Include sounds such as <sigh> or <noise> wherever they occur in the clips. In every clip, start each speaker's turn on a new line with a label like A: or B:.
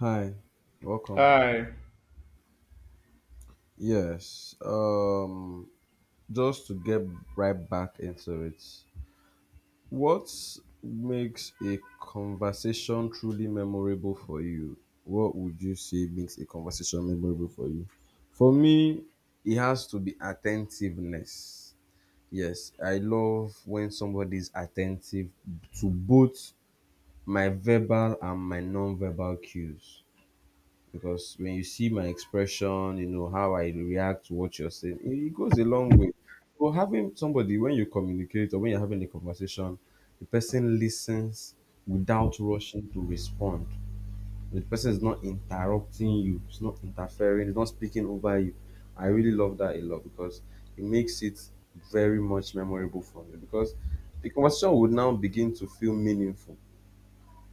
A: Hi, welcome.
B: Hi.
A: Yes, um, just to get right back into it, what makes a conversation truly memorable for you? What would you say makes a conversation memorable for you? For me, it has to be attentiveness. Yes, I love when somebody is attentive to both my verbal and my non-verbal cues. Because when you see my expression, you know, how I react to what you're saying, it goes a long way. So having somebody when you communicate or when you're having a conversation, the person listens without rushing to respond. The person is not interrupting you, it's not interfering, it's not speaking over you. I really love that a lot because it makes it very much memorable for me because the conversation would now begin to feel meaningful,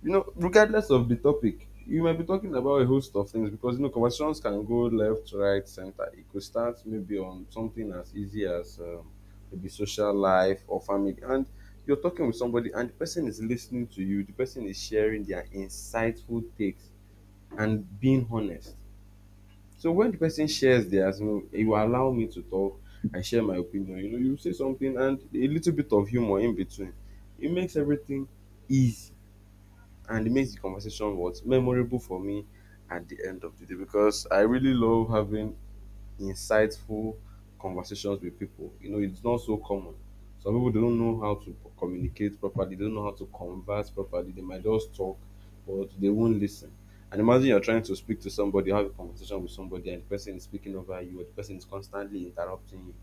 A: you know, regardless of the topic. You might be talking about a host of things because you know conversations can go left, right, center. It could start maybe on something as easy as maybe social life or family, and you're talking with somebody, and the person is listening to you. The person is sharing their insightful takes and being honest. So when the person shares theirs, you know, you allow me to talk and share my opinion. You know, you say something and a little bit of humor in between. It makes everything easy and it makes the conversation what memorable for me at the end of the day because I really love having insightful conversations with people. You know, it's not so common. Some people don't know how to communicate properly, they don't know how to converse properly, they might just talk, but they won't listen. And imagine you're trying to speak to somebody, have a conversation with somebody, and the person is speaking over you, or the person is constantly interrupting you.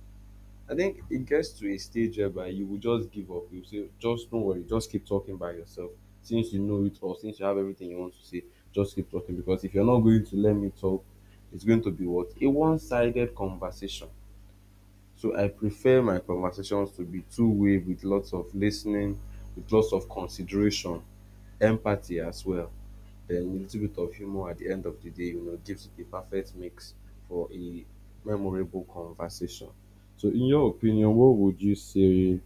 A: I think it gets to a stage whereby you will just give up. You say, just don't worry, just keep talking by yourself. Since you know it all, since you have everything you want to say, just keep talking. Because if you're not going to let me talk, it's going to be what? A one sided conversation. So I prefer my conversations to be two-way with lots of lis ten ing, with lots of consideration, empathy as well. Then a little bit of humor at the end of the day, you know, gives it a perfect mix for a memorable conversation. So in your opinion, what would you say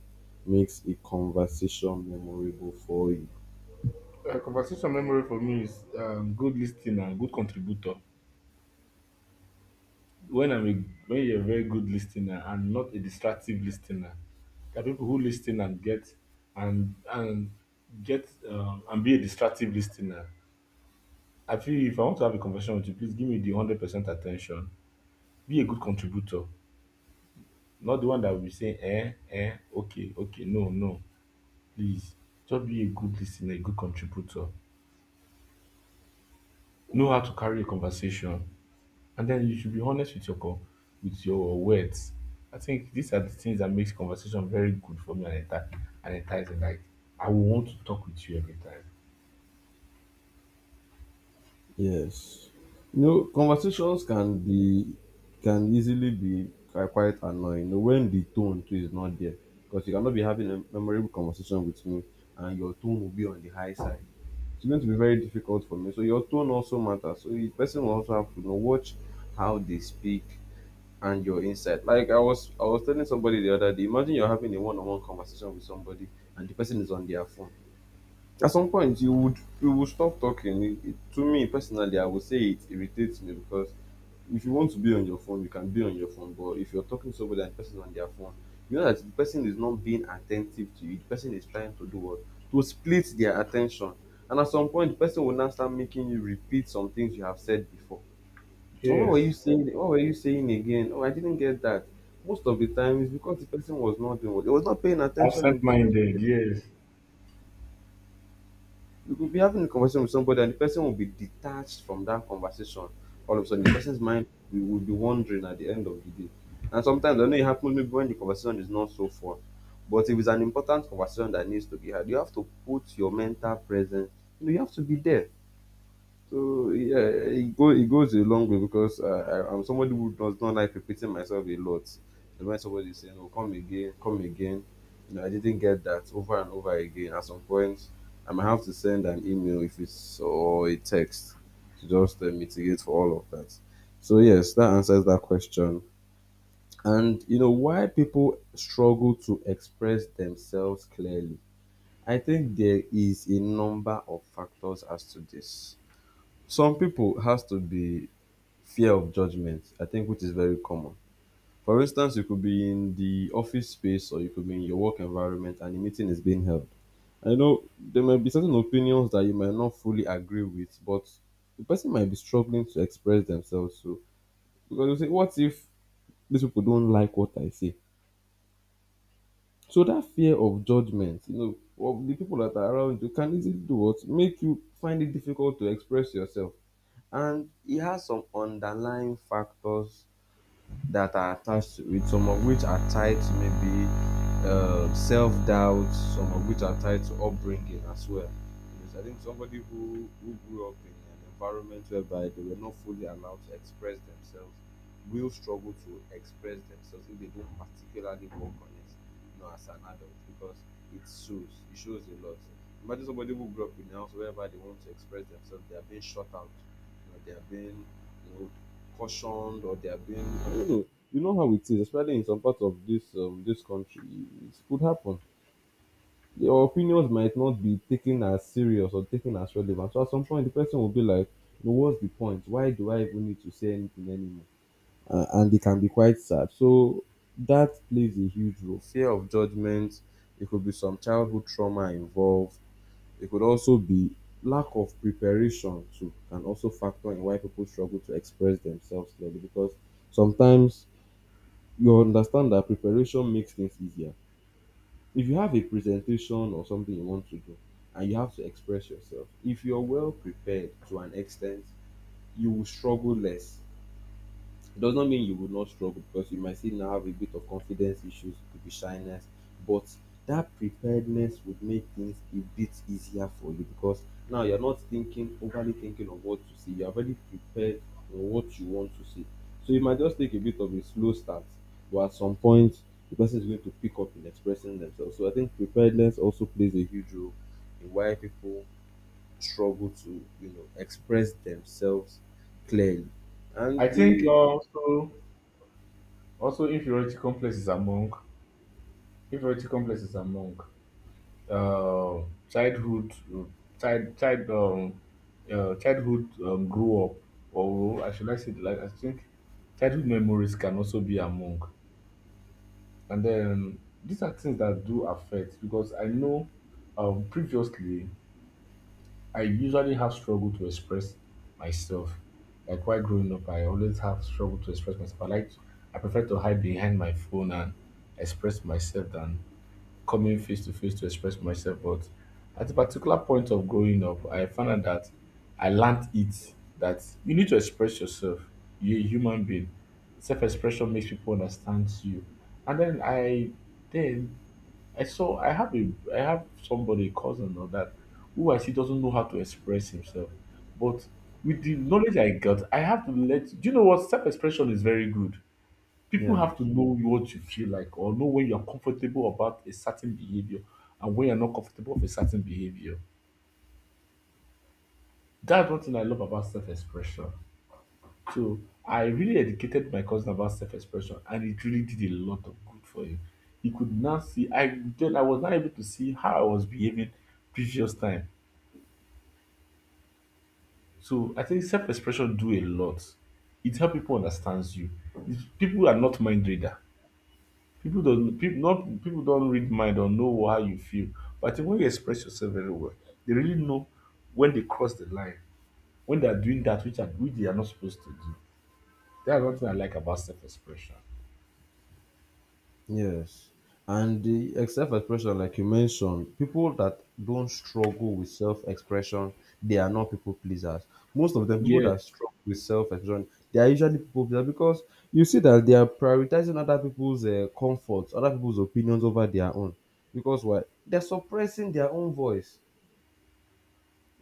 A: makes a conversation memorable for you?
B: Conversation memory for me is good listener and good contributor. When I'm a, when you're a very good listener and not a distractive listener, there are people who listen and get and get and be a distractive listener. I feel if I want to have a conversation with you, please give me the 100% attention. Be a good contributor, not the one that will be saying eh okay no. Please just be a good listener, a good contributor. Know how to carry a conversation. And then you should be honest with your with your words. I think these are the things that makes conversation very good for me and and enticing. Like I will want to talk with you every time.
A: Yes. You know, conversations can be, can easily be quite annoying. You know, when the tone too is not there, because you cannot be having a memorable conversation with me, and your tone will be on the high side. It's going to be very difficult for me. So your tone also matters. So the person will also have to, you know, watch how they speak, and your insight. Like I was telling somebody the other day. Imagine you're having a one-on-one conversation with somebody, and the person is on their phone. At some point you would, you would stop talking. To me personally, I would say it irritates me because if you want to be on your phone you can be on your phone, but if you're talking to somebody and the person is on their phone, you know that the person is not being attentive to you. The person is trying to do what? To split their attention. And at some point the person will now start making you repeat some things you have said before. Oh, what were you
B: Yes,
A: saying? What were you saying again? Oh, I didn't get that. Most of the time it's because the person was not doing what? He was not paying attention in the first
B: absent-minded.
A: place.
B: Yes,
A: You could be having a conversation with somebody and the person will be detached from that conversation. All of a sudden, the person's mind will be wandering at the end of the day. And sometimes I know it happens maybe when the conversation is not so fun. But if it's an important conversation that needs to be had, you have to put your mental presence, you know, you have to be there. So yeah, it goes a long way because I'm somebody who does not like repeating myself a lot. And when somebody is saying, "Oh, come again," you know, I didn't get that, over and over again. At some point, I might have to send an email, if it's, or a text, to just mitigate for all of that. So yes, that answers that question. And you know why people struggle to express themselves clearly. I think there is a number of factors as to this. Some people has to be fear of judgment, I think, which is very common. For instance, you could be in the office space or you could be in your work environment and a meeting is being held. I know there might be certain opinions that you might not fully agree with, but the person might be struggling to express themselves. So because you say, what if these people don't like what I say? So that fear of judgment, you know, of the people that are around you can easily do what? Make you find it difficult to express yourself. And e has some underlying factors that are attached to it, some of which are tied to maybe self doubt, some of which are tied to upbringing as well. Because I think somebody who grew up in an environment whereby they were not fully allowed to express themselves will struggle to express themselves if they don't particularly work on it, you know, as an adult, because it shows a lot. Imagine somebody who grew up in a house whereby they want to express themselves, they are being shut out, you know, they are being, you know, cautioned, or they are being, I don't know. You know how it is, especially in some parts of this country, it could happen. Your opinions might not be taken as serious or taken as relevant. So at some point, the person will be like, "No, what's the point? Why do I even need to say anything anymore?" And it can be quite sad. So that plays a huge role. Fear of judgment. There could be some childhood trauma involved. It could also be lack of preparation too can also factor in why people struggle to express themselves clearly, because sometimes you understand that preparation makes things easier. If you have a presentation or something you want to do and you have to express yourself, if you're well prepared to an extent, you will struggle less. It does not mean you will not struggle because you might still now have a bit of confidence issues, it could be shyness, but that preparedness would make things a bit easier for you because now you're not thinking, overly thinking of what to see. You're already prepared on what you want to see. So you might just take a bit of a slow start, but at some point the person is going to pick up in expressing themselves. So I think preparedness also plays a huge role in why people struggle to, you know, express themselves clearly.
B: I
A: And
B: think
A: the
B: also inferiority complex is among inferiority complex is among uh, childhood child child um childhood grow up, or I should I say like I think childhood memories can also be among. And then these are things that do affect because I know, previously I usually have struggled to express myself. Like while growing up, I always have struggled to express myself. I I prefer to hide behind my phone and express myself than coming face to face to express myself. But at a particular point of growing up, I found out that I learned it that you need to express yourself. You're a human being. Self-expression makes people understand you. And then I saw I have a I have somebody, a cousin or that, who I see doesn't know how to express himself. But with the knowledge I got, I have to let do you know what self-expression is very good. People
A: yeah.
B: have to know what you feel like or know when you're comfortable about a certain behavior, and when you're not comfortable with a certain behavior. That's one thing I love about self-expression. So I really educated my cousin about self-expression and it really did a lot of good for him. He could now see. I then I was not able to see how I was behaving previous time. So I think self-expression do a lot. It helps people understand you. People are not mind reader. People don't read mind or know how you feel. But I think when you express yourself very well, they really know when they cross the line, when they are doing that which they are not supposed to do. That's one thing I like about self-expression.
A: Yes. And the self-expression, like you mentioned, people that don't struggle with self-expression, they are not people pleasers. Most of them, people that
B: Yes.
A: struggle with self-expression, they are usually people pleasers because you see that they are prioritizing other people's comforts, other people's opinions over their own. Because why? They're suppressing their own voice.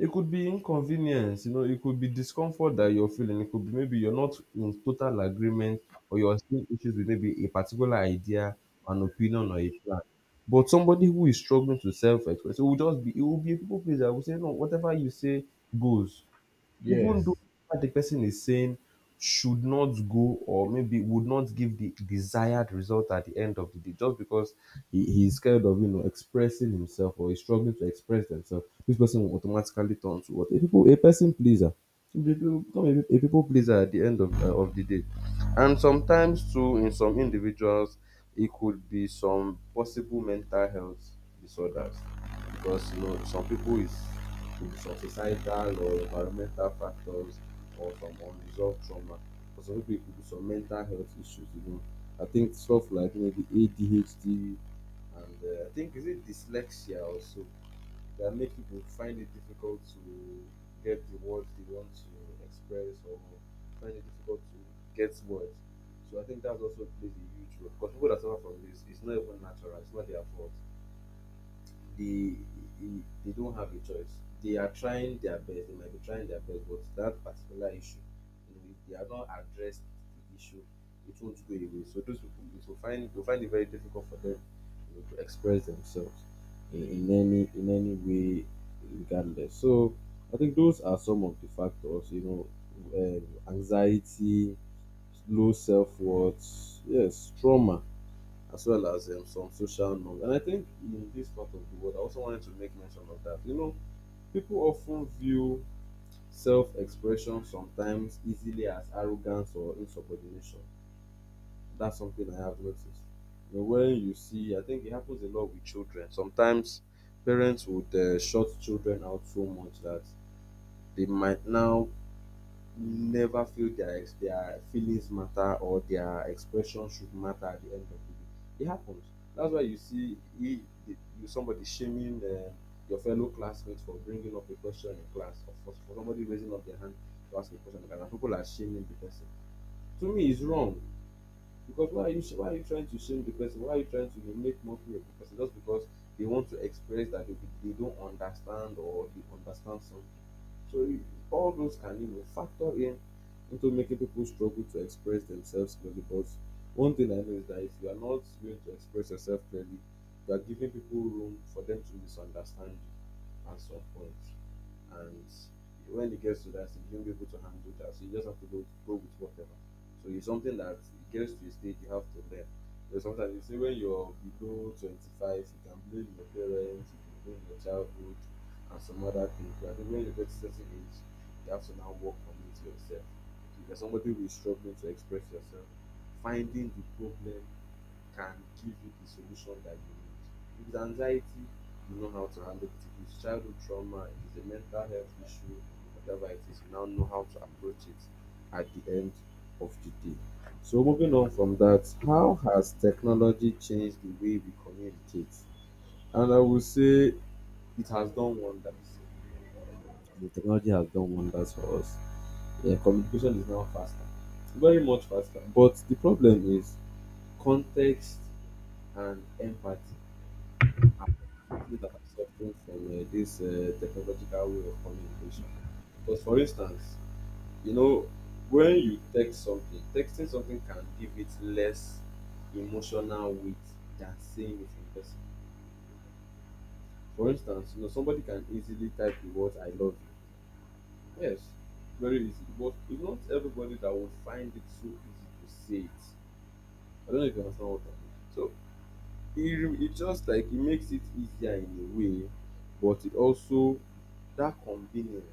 A: It could be inconvenience, you know, it could be discomfort that you're feeling, it could be maybe you're not in total agreement or you're seeing issues with maybe a particular idea, an opinion or a plan. But somebody who is struggling to self-express, it will just be, it will be a people pleaser. I Will say, no, whatever you say goes, even
B: Yes.
A: though what the person is saying should not go, or maybe would not give the desired result at the end of the day, just because he, he's scared of, you know, expressing himself, or he's struggling to express themselves, this person will automatically turn to what? A people, a person pleaser. You become a people pleaser at the end of the day. And sometimes too in some individuals it could be some possible mental health disorders, because you know some people is from societal or environmental factors or from unresolved trauma. For some people, it could be some mental health issues, you know. I think stuff like maybe ADHD and I think, is it dyslexia also, that make people find it difficult to get the words they want to express, or find it difficult to get words. So I think that also plays a huge role because people that suffer from this, it's not even natural, it's not their fault, they they don't have a choice. They are trying their best. They might be trying their best, but that particular issue, you know, if they are not addressed the issue, it won't go away. So those people, it will find it very difficult for them, you know, to express themselves in any way regardless. So I think those are some of the factors, you know, anxiety, low self worth, yes, trauma as well as some social norms. And I think in this part of the world, I also wanted to make mention of that. You know, people often view self expression sometimes easily as arrogance or insubordination. That's something I have noticed. You know, when you see, I think it happens a lot with children. Sometimes parents would shut children out so much that they might now never feel their feelings matter or their expression should matter at the end of the day. It happens. That's why you see the, you somebody shaming your fellow classmates for bringing up a question in class or for somebody raising up their hand to ask a question in class. And people are shaming the person. To me, it's wrong because why are you trying to shame the person? Why are you trying to make mockery of the person just because they want to express that they don't understand or they understand something? So all those can, you know, factor in into making people struggle to express themselves clearly. But one thing I know is that if you are not going to express yourself clearly, you are giving people room for them to misunderstand you at some point. And when it gets to that, you don't be able to handle that. So you just have to go with whatever. So it's something that it gets to a stage you have to learn. There's sometimes you see when you're below 25, you can blame your parents, you can blame your childhood, and some other things. But I think when you get to a certain age, you have to now work on it yourself. If you're somebody who is struggling to express yourself, finding the problem can give you the solution that you need. If it's anxiety, you know how to handle it. If it's childhood trauma, it is a mental health issue, whatever it is, you now know how to approach it at the end of the day. So moving on from that, how has technology changed the way we communicate? And I would say it has done wonders, the technology has done wonders for us. Yeah, communication is now faster, very much faster. But the problem is context and empathy are the things that are suffering from this technological way of communication. Because, for instance, you know, when you text something, texting something can give it less emotional weight than saying it in person. For instance, you know, somebody can easily type the words "I love you." Yes, very easy. But it's not everybody that would find it so easy to say it. I don't know if you understand what I mean. So it just like it makes it easier in a way, but it also, that convenience,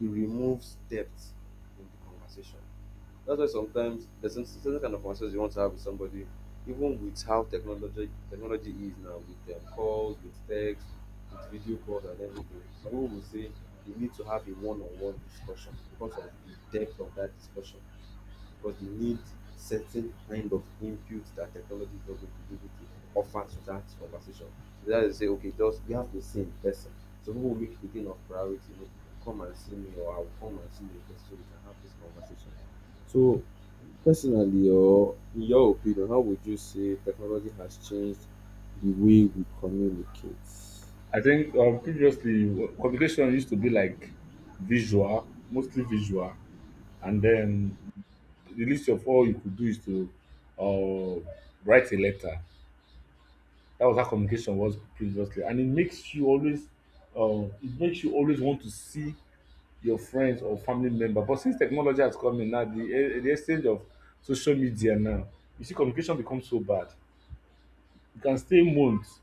A: it removes depth in the conversation. That's why sometimes there's some certain kind of conversations you want to have with somebody, even with how technology is now, with calls, with text, with video calls and everything. Some people will say we need to have a one-on-one discussion because of the depth of that discussion. Because they need certain kind of input that technology is not going to be able to offer to that conversation. So that is say, okay, just we have to see in person. So people will make it a thing of priority. You know, you come and see me, or I'll come and see you in person so we can have this conversation. So, personally, or in your opinion, how would you say technology has changed the way we communicate?
B: I think previously communication used to be like visual, mostly visual, and then the least of all you could do is to uh, write a letter. That was how communication was previously, and it makes you always, it makes you always want to see your friends or family member. But since technology has come in now, the exchange of social media now, you see communication become so bad. You can stay months,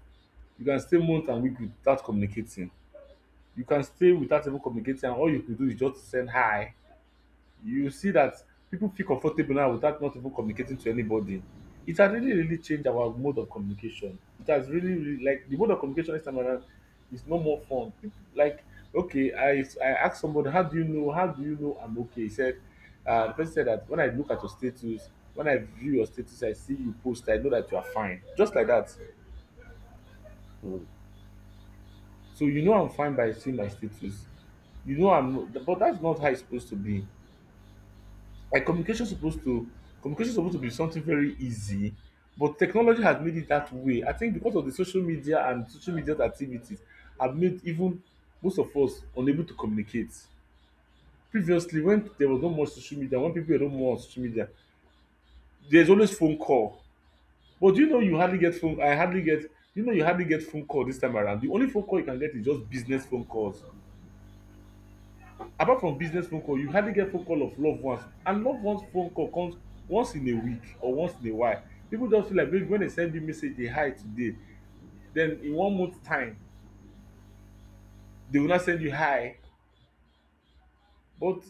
B: you can stay month and week without communicating. You can stay without even communicating, and all you go do is just send hi. You see that people feel comfortable now without not even communicating to anybody. It has really, really changed our mode of communication. It has really, really like the mode of communication this time around is no more fun. People, like, okay, I asked somebody, how do you know? How do you know I'm okay? He said, the person said that when I look at your status, when I view your status, I see you post, I know that you are fine. Just like that.
A: Mm.
B: So you know I'm fine by seeing my status. You know I'm, but that's not how it's supposed to be. Like communication supposed to be something very easy, but technology has made it that way. I think because of the social media and social media activities have made even most of us unable to communicate. Previously, when there was no more social media, when people were no more on social media, there's always phone call. But do you know you hardly get phone I hardly get you know you hardly get phone call this time around. The only phone call you can get is just business phone calls. Apart from business phone call, you hardly get phone call of love ones and love ones phone call comes once in a week or once in a while. Pipu just feel like maybe wen dem send you message a hi today, den in one month time dey go now send you hi, but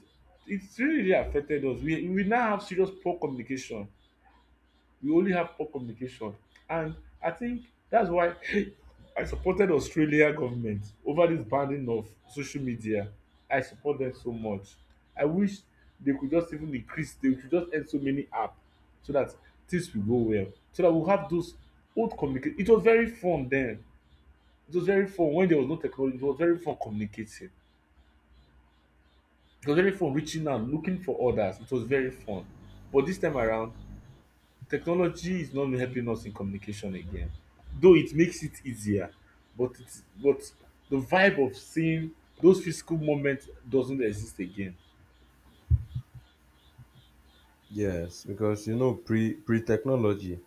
B: it really really affected us. We now have serious poor communication. We only have poor communication. And I think that's why <laughs> I supported Australia government over this banning of social media. I support them so much. I wish they could just end so many apps so that things will go well. So that we'll have those old communicate. It was very fun then. It was very fun when there was no technology. It was very fun communicating. It was very fun reaching out, looking for others. It was very fun. But this time around, technology is not helping us in communication again, though it makes it easier, but the vibe of seeing those physical moments doesn't exist again.
A: Yes, because you know, pre technology,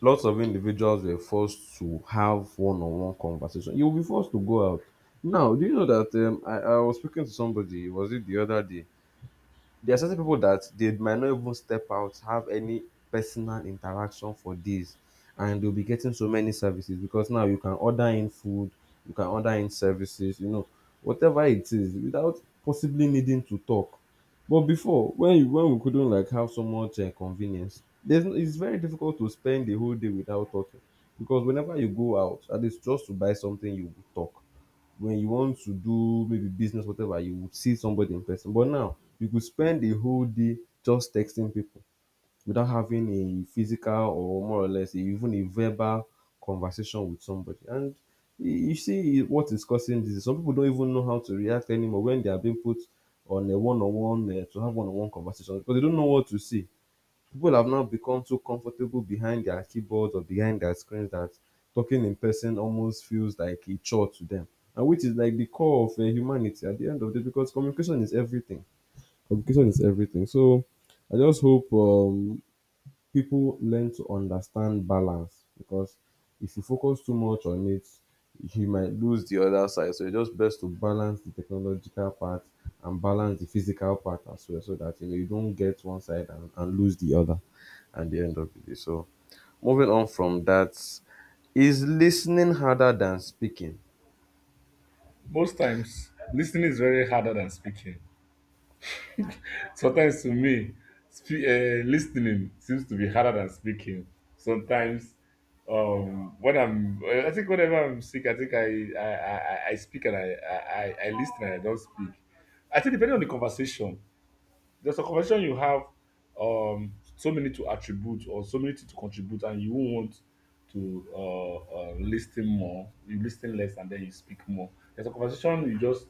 A: lots of individuals were forced to have one-on-one conversation. You'll be forced to go out. Now, do you know that I was speaking to somebody, was it the other day? There are certain people that they might not even step out, have any personal interaction for days, and they'll be getting so many services because now you can order in food, you can order in services, you know, whatever it is, without possibly needing to talk. But before, when we couldn't like have so much convenience, there's, no- it's very difficult to spend the whole day without talking because whenever you go out, at least just to buy something, you will talk when you want to do maybe business, whatever, you would see somebody in person. But now you could spend a whole day just texting people without having a physical or more or less even a verbal conversation with somebody. And you see what is causing this. Some people don't even know how to react anymore when they are being put on a one-on-one to have one-on-one conversations because they don't know what to say. People have now become so comfortable behind their keyboards or behind their screens that talking in person almost feels like a chore to them, and which is like the core of humanity at the end of the day because communication is everything. Communication is everything. So I just hope people learn to understand balance because if you focus too much on it, you might lose the other side. So it's just best to balance the technological part and balance the physical part as well, so that you know you don't get one side and, lose the other at the end of the day. So moving on from that, is listening harder than speaking?
B: Most times, listening is very harder than speaking. Sometimes to me, lis seems to be harder than speaking. Sometimes, um, when I'm, I think whenever I'm sick, I think I speak and I lis and I don't speak. I think depending on the conversation, there's a conversation you have so many to attribute or so many to contribute, and you won't want to listen more. You listen less and then you speak more. There's a conversation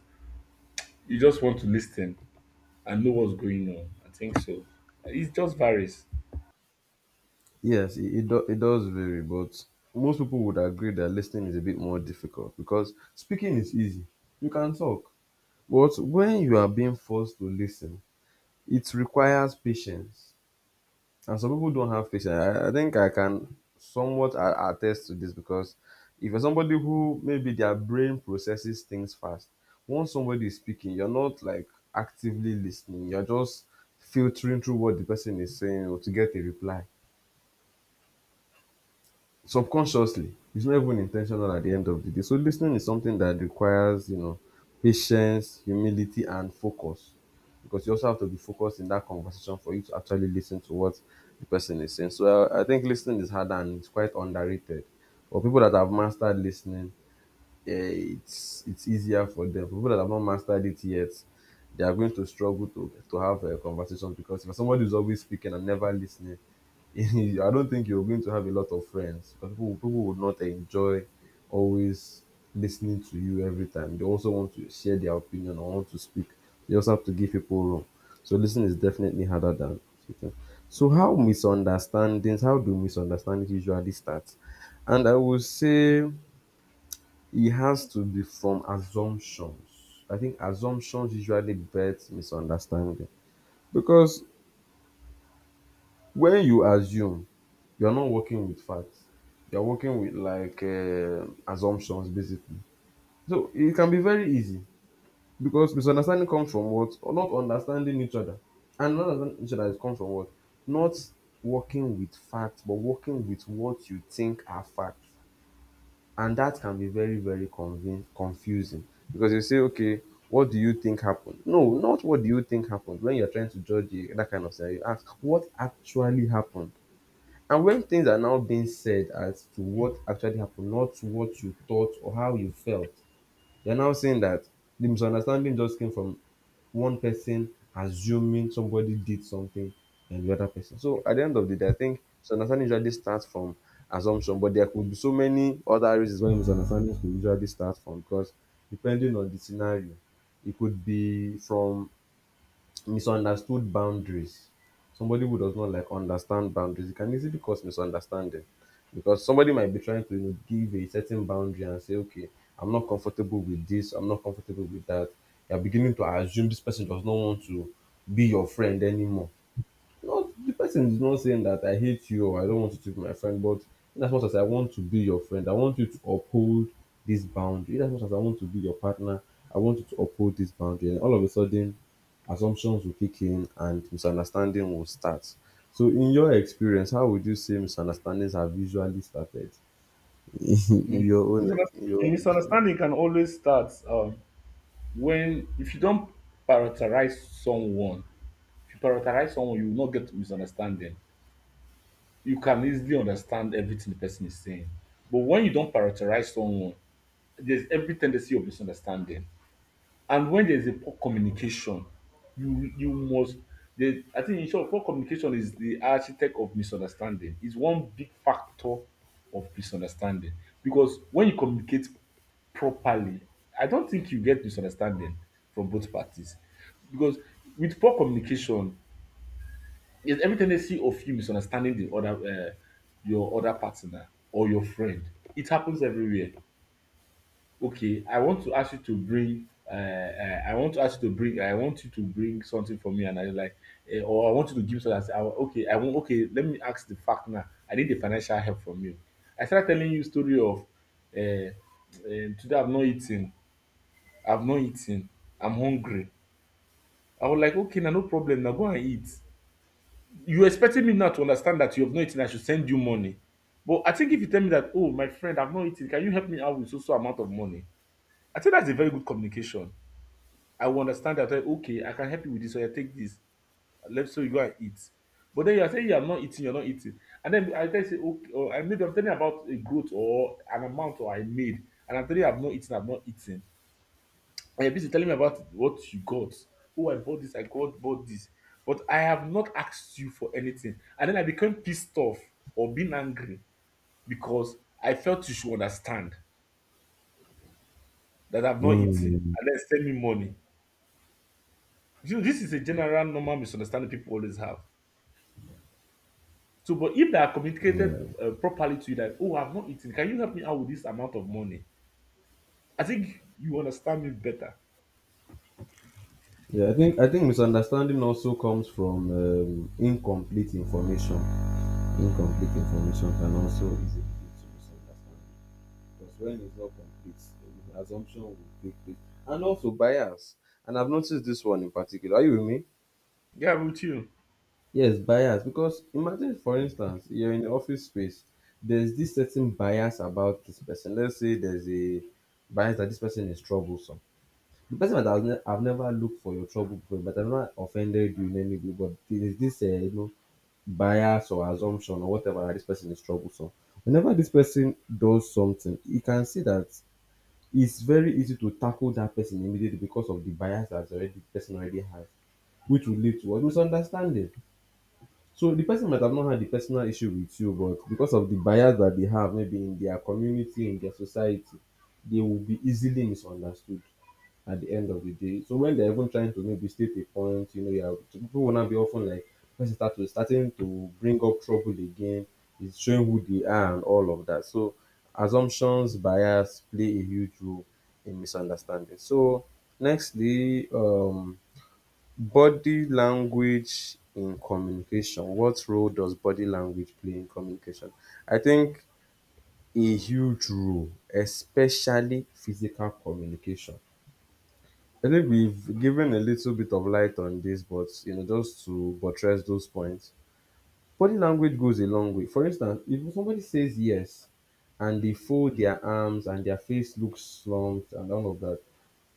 B: you just want to listen and know what's going on. I think so. It just varies.
A: Yes, it does vary, but most people would agree that listening is a bit more difficult because speaking is easy. You can talk, but when you are being forced to listen, it requires patience. And some people don't have patience. I think I can somewhat attest to this because if you're somebody who maybe their brain processes things fast, once somebody is speaking, you're not like actively listening. You're just filtering through what the person is saying or to get a reply. Subconsciously it's not even intentional at the end of the day. So listening is something that requires, you know, patience, humility and focus because you also have to be focused in that conversation for you to actually listen to what the person is saying. So I think listening is harder and it's quite underrated, but people that have mastered listening, it's easier for them. For people that have not mastered it yet, they are going to struggle to have a conversation because if somebody is always speaking and never listening, <laughs> I don't think you're going to have a lot of friends because people would not enjoy always listening to you every time. They also want to share their opinion or want to speak. You also have to give people room. So listening is definitely harder than speaking. So How do misunderstandings usually start? And I will say it has to be from assumptions. I think assumptions usually birth misunderstanding because when you assume, you're not working with facts. You're working with like assumptions basically. So it can be very easy because misunderstanding comes from what? Or not understanding each other. And not understanding each other is comes from what? Not working with facts, but working with what you think are facts. And that can be very very convin confusing because you say, okay, what do you think happened no not what do you think happened. When you're trying to judge a, that kind of scenario, you ask what actually happened. And when things are now being said as to what actually happened, not what you thought or how you felt, you're now saying that the misunderstanding just came from one person assuming somebody did something and the other person. So at the end of the day, I think misunderstanding usually starts from assumption, but there could be so many other reasons why misunderstandings could usually start from because depending on the scenario, it could be from misunderstood boundaries. Somebody who does not like understand boundaries, it can easily cause misunderstanding because somebody might be trying to, you know, give a certain boundary and say, okay, I'm not comfortable with this, I'm not comfortable with that. You're beginning to assume this person does not want to be your friend anymore. Not the person is not saying that I hate you or I don't want you to be my friend, but in as much as I want to be your friend, I want you to uphold this boundary. In as much as I want to be your partner, I want you to uphold this boundary. And all of a sudden, assumptions will kick in and misunderstanding will start. So, in your experience, how would you say misunderstandings have usually started? <laughs> In
B: Mm.
A: your own,
B: Misunderst-
A: in your own experience.
B: Misunderstanding can always start when if you don't prioritize someone. If you prioritize someone you will not get misunderstanding, you can easily understand everything the person is saying. But when you don't prioritize someone, there's every tendency of misunderstanding. And when there's a poor communication, you must the I think in short, poor communication is the architect of misunderstanding. It's one big factor of misunderstanding. Because when you communicate properly, I don't think you get misunderstanding from both parties. Because with poor communication, is every tendency of you misunderstanding the other your other partner or your friend. It happens everywhere. Okay, I want to ask you to bring I want to ask you to bring I want you to bring something for me, and I like, or I want you to give me something I say, I wa- okay I want okay let me ask the fact now. I need the financial help from you. I start telling you story of, uh, today I've not eaten, i've not eaten I'm hungry. I was like okay now no problem now go and eat. You expecting me now to understand that you have not eaten, I should send you money. But I think if you tell me that, oh, my friend, I've not eaten, can you help me out with so so amount of money? I think that's a very good communication. I will understand that, eh, okay, I can help you with this, so I take this. Let's so you go and eat. But then you are saying you are not eating, you're not eating. And then I tell you, say, okay, or I maybe I'm telling you about a growth or an amount or I made, and I'm telling you I've not eaten, And you're busy telling me about what you got. Oh, I bought this, I got bought this. But I have not asked you for anything. And then I became pissed off or being angry because I felt you should understand that I've not eaten
A: Mm,
B: and then send me money. You know, this is a general normal misunderstanding people always have. So, but if they are communicated
A: yeah,
B: properly to you that, oh, I've not eaten, can you help me out with this amount of money? I think you understand me better.
A: yeah. I think misunderstanding also comes from incomplete information. Incomplete information can also easily lead to misunderstanding because when it's not complete, the assumption will take place. And also bias. And I've noticed this one in particular. Are you with me?
B: Yeah, I'm with you.
A: Yes, bias. Because imagine, for instance, you're in the office space. There's this certain bias about this person. Let's say there's a bias that this person is troublesome. The person that has ne- I've never looked for your trouble before, but I've not offended you in any way. But there's this, you know, bias or assumption or whatever that this person is troublesome. Whenever this person does something, you can see that it's very easy to tackle that person immediately because of the bias that already the person already has, which will lead to what? Misunderstanding. So the person might have not had the personal issue with you, but because of the bias that they have, maybe in their community, in their society, they will be easily misunderstood at the end of the day. So when they're even trying to maybe state a point, you know, yeah, people will not be often like when they starting to bring up trouble again, it's showing who they are and all of that. So assumptions, bias play a huge role in misunderstanding. So nextly, body language in communication. What role does body language play in communication? I think a huge role, especially physical communication. I think we've given a little bit of light on this, but you know, just to buttress those points, body language goes a long way. For instance, if somebody says yes and they fold their arms and their face looks slumped and all of that,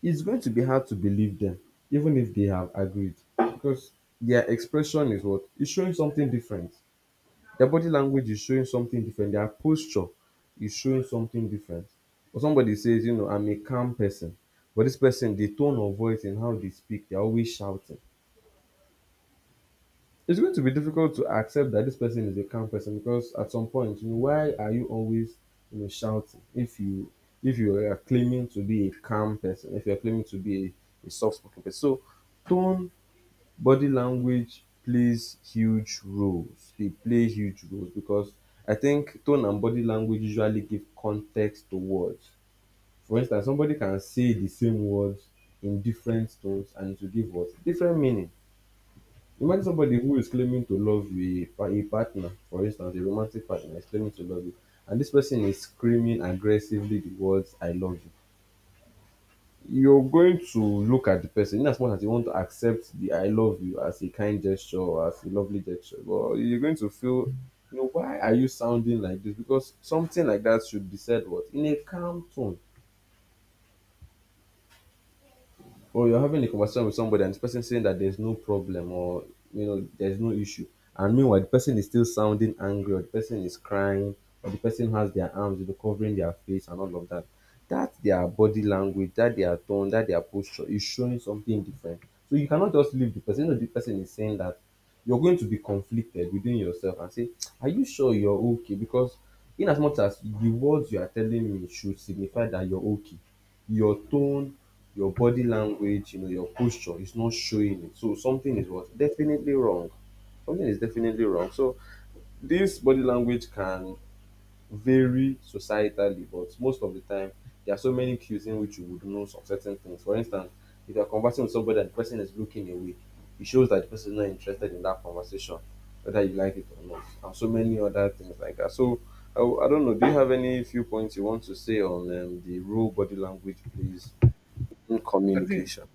A: it's going to be hard to believe them, even if they have agreed, because their expression is what is showing something different. Their body language is showing something different. Their posture is showing something different. Or somebody says, you know, I'm a calm person. But this person, the tone of voice and how they speak, they're always shouting. It's going to be difficult to accept that this person is a calm person because at some point, you know, why are you always you know shouting if you are claiming to be a calm person, if you're claiming to be a soft spoken person. So tone, body language plays huge roles. They play huge roles because I think tone and body language usually give context to words. For instance, somebody can say the same words in different tones and it will give what? Different meaning. Imagine somebody who is claiming to love you, a partner, for instance, a romantic partner is claiming to love you, and this person is screaming aggressively the words, I love you. You're going to look at the person. In as much as you want to accept the I love you as a kind gesture or as a lovely gesture, but you're going to feel, you know, why are you sounding like this? Because something like that should be said what? In a calm tone. Or you're having a conversation with somebody and this person saying that there's no problem or you know there's no issue, and meanwhile the person is still sounding angry or the person is crying or the person has their arms you know covering their face and all of that. That their body language, that their tone, that their posture is showing something different. So you cannot just leave the person. You know, the person is saying that, you're going to be conflicted within yourself and say, are you sure you're okay? Because in as much as the words you are telling me should signify that you're okay, your tone, your body language, you know, your posture is not showing it. So something is what? Definitely wrong. Something is definitely wrong. So this body language can vary societally, but most of the time there are so many cues in which you would know some certain things. For instance, if you're conversing with somebody and the person is looking away, it shows that the person is not interested in that conversation, whether you like it or not, and so many other things like that. So I don't know. Do you have any few points you want to say on the role body language plays in
B: I think
A: communication?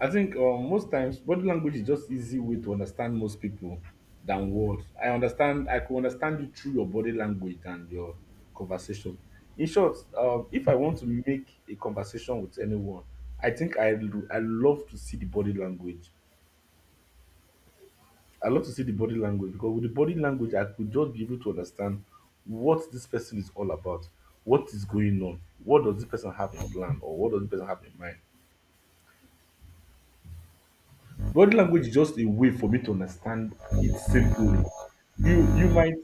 B: I think most times body language is just easy way to understand most people than words. I understand. I could understand you through your body language and your conversation. In short, if I want to make a conversation with anyone, I think I love to see the body language. I love to see the body language because with the body language, I could just be able to understand what this person is all about, what is going on, what does this person have in plan, or what does this person have in mind. Body language is just a way for me to understand it simply. you you might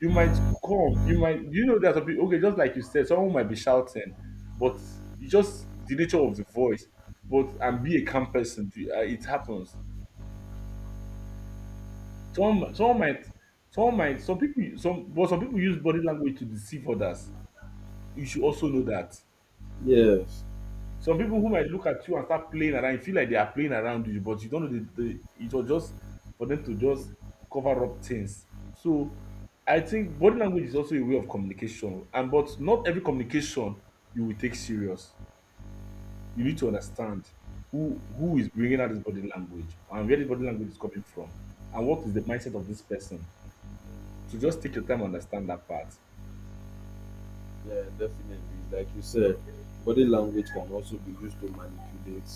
B: you might come you might you know that people, okay, just like you said, someone might be shouting, but you just the nature of the voice but and be a calm person. It happens. Some someone might some people some but Some people use body language to deceive others. You should also know that.
A: Yes,
B: Some people who might look at you and start playing around, you feel like they are playing around you, but you don't know the it was just for them to just cover up things. So I think body language is also a way of communication, and but not every communication you will take serious. You need to understand who is bringing out this body language and where the body language is coming from, and what is the mindset of this person. So just take your time and understand that part.
A: yeah, definitely. Like you said, body language can also be used to manipulate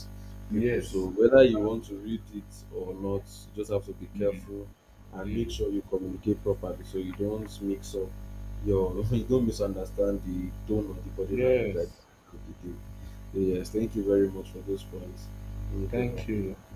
A: people. So
B: Yes,
A: whether you want to read it or not, you just have to be careful and make sure you communicate properly so you don't mix up your <laughs> you don't misunderstand the tone of the body language that
B: yes.
A: you did. So yes, thank you very much for those points. Really
B: Thank you.
A: don't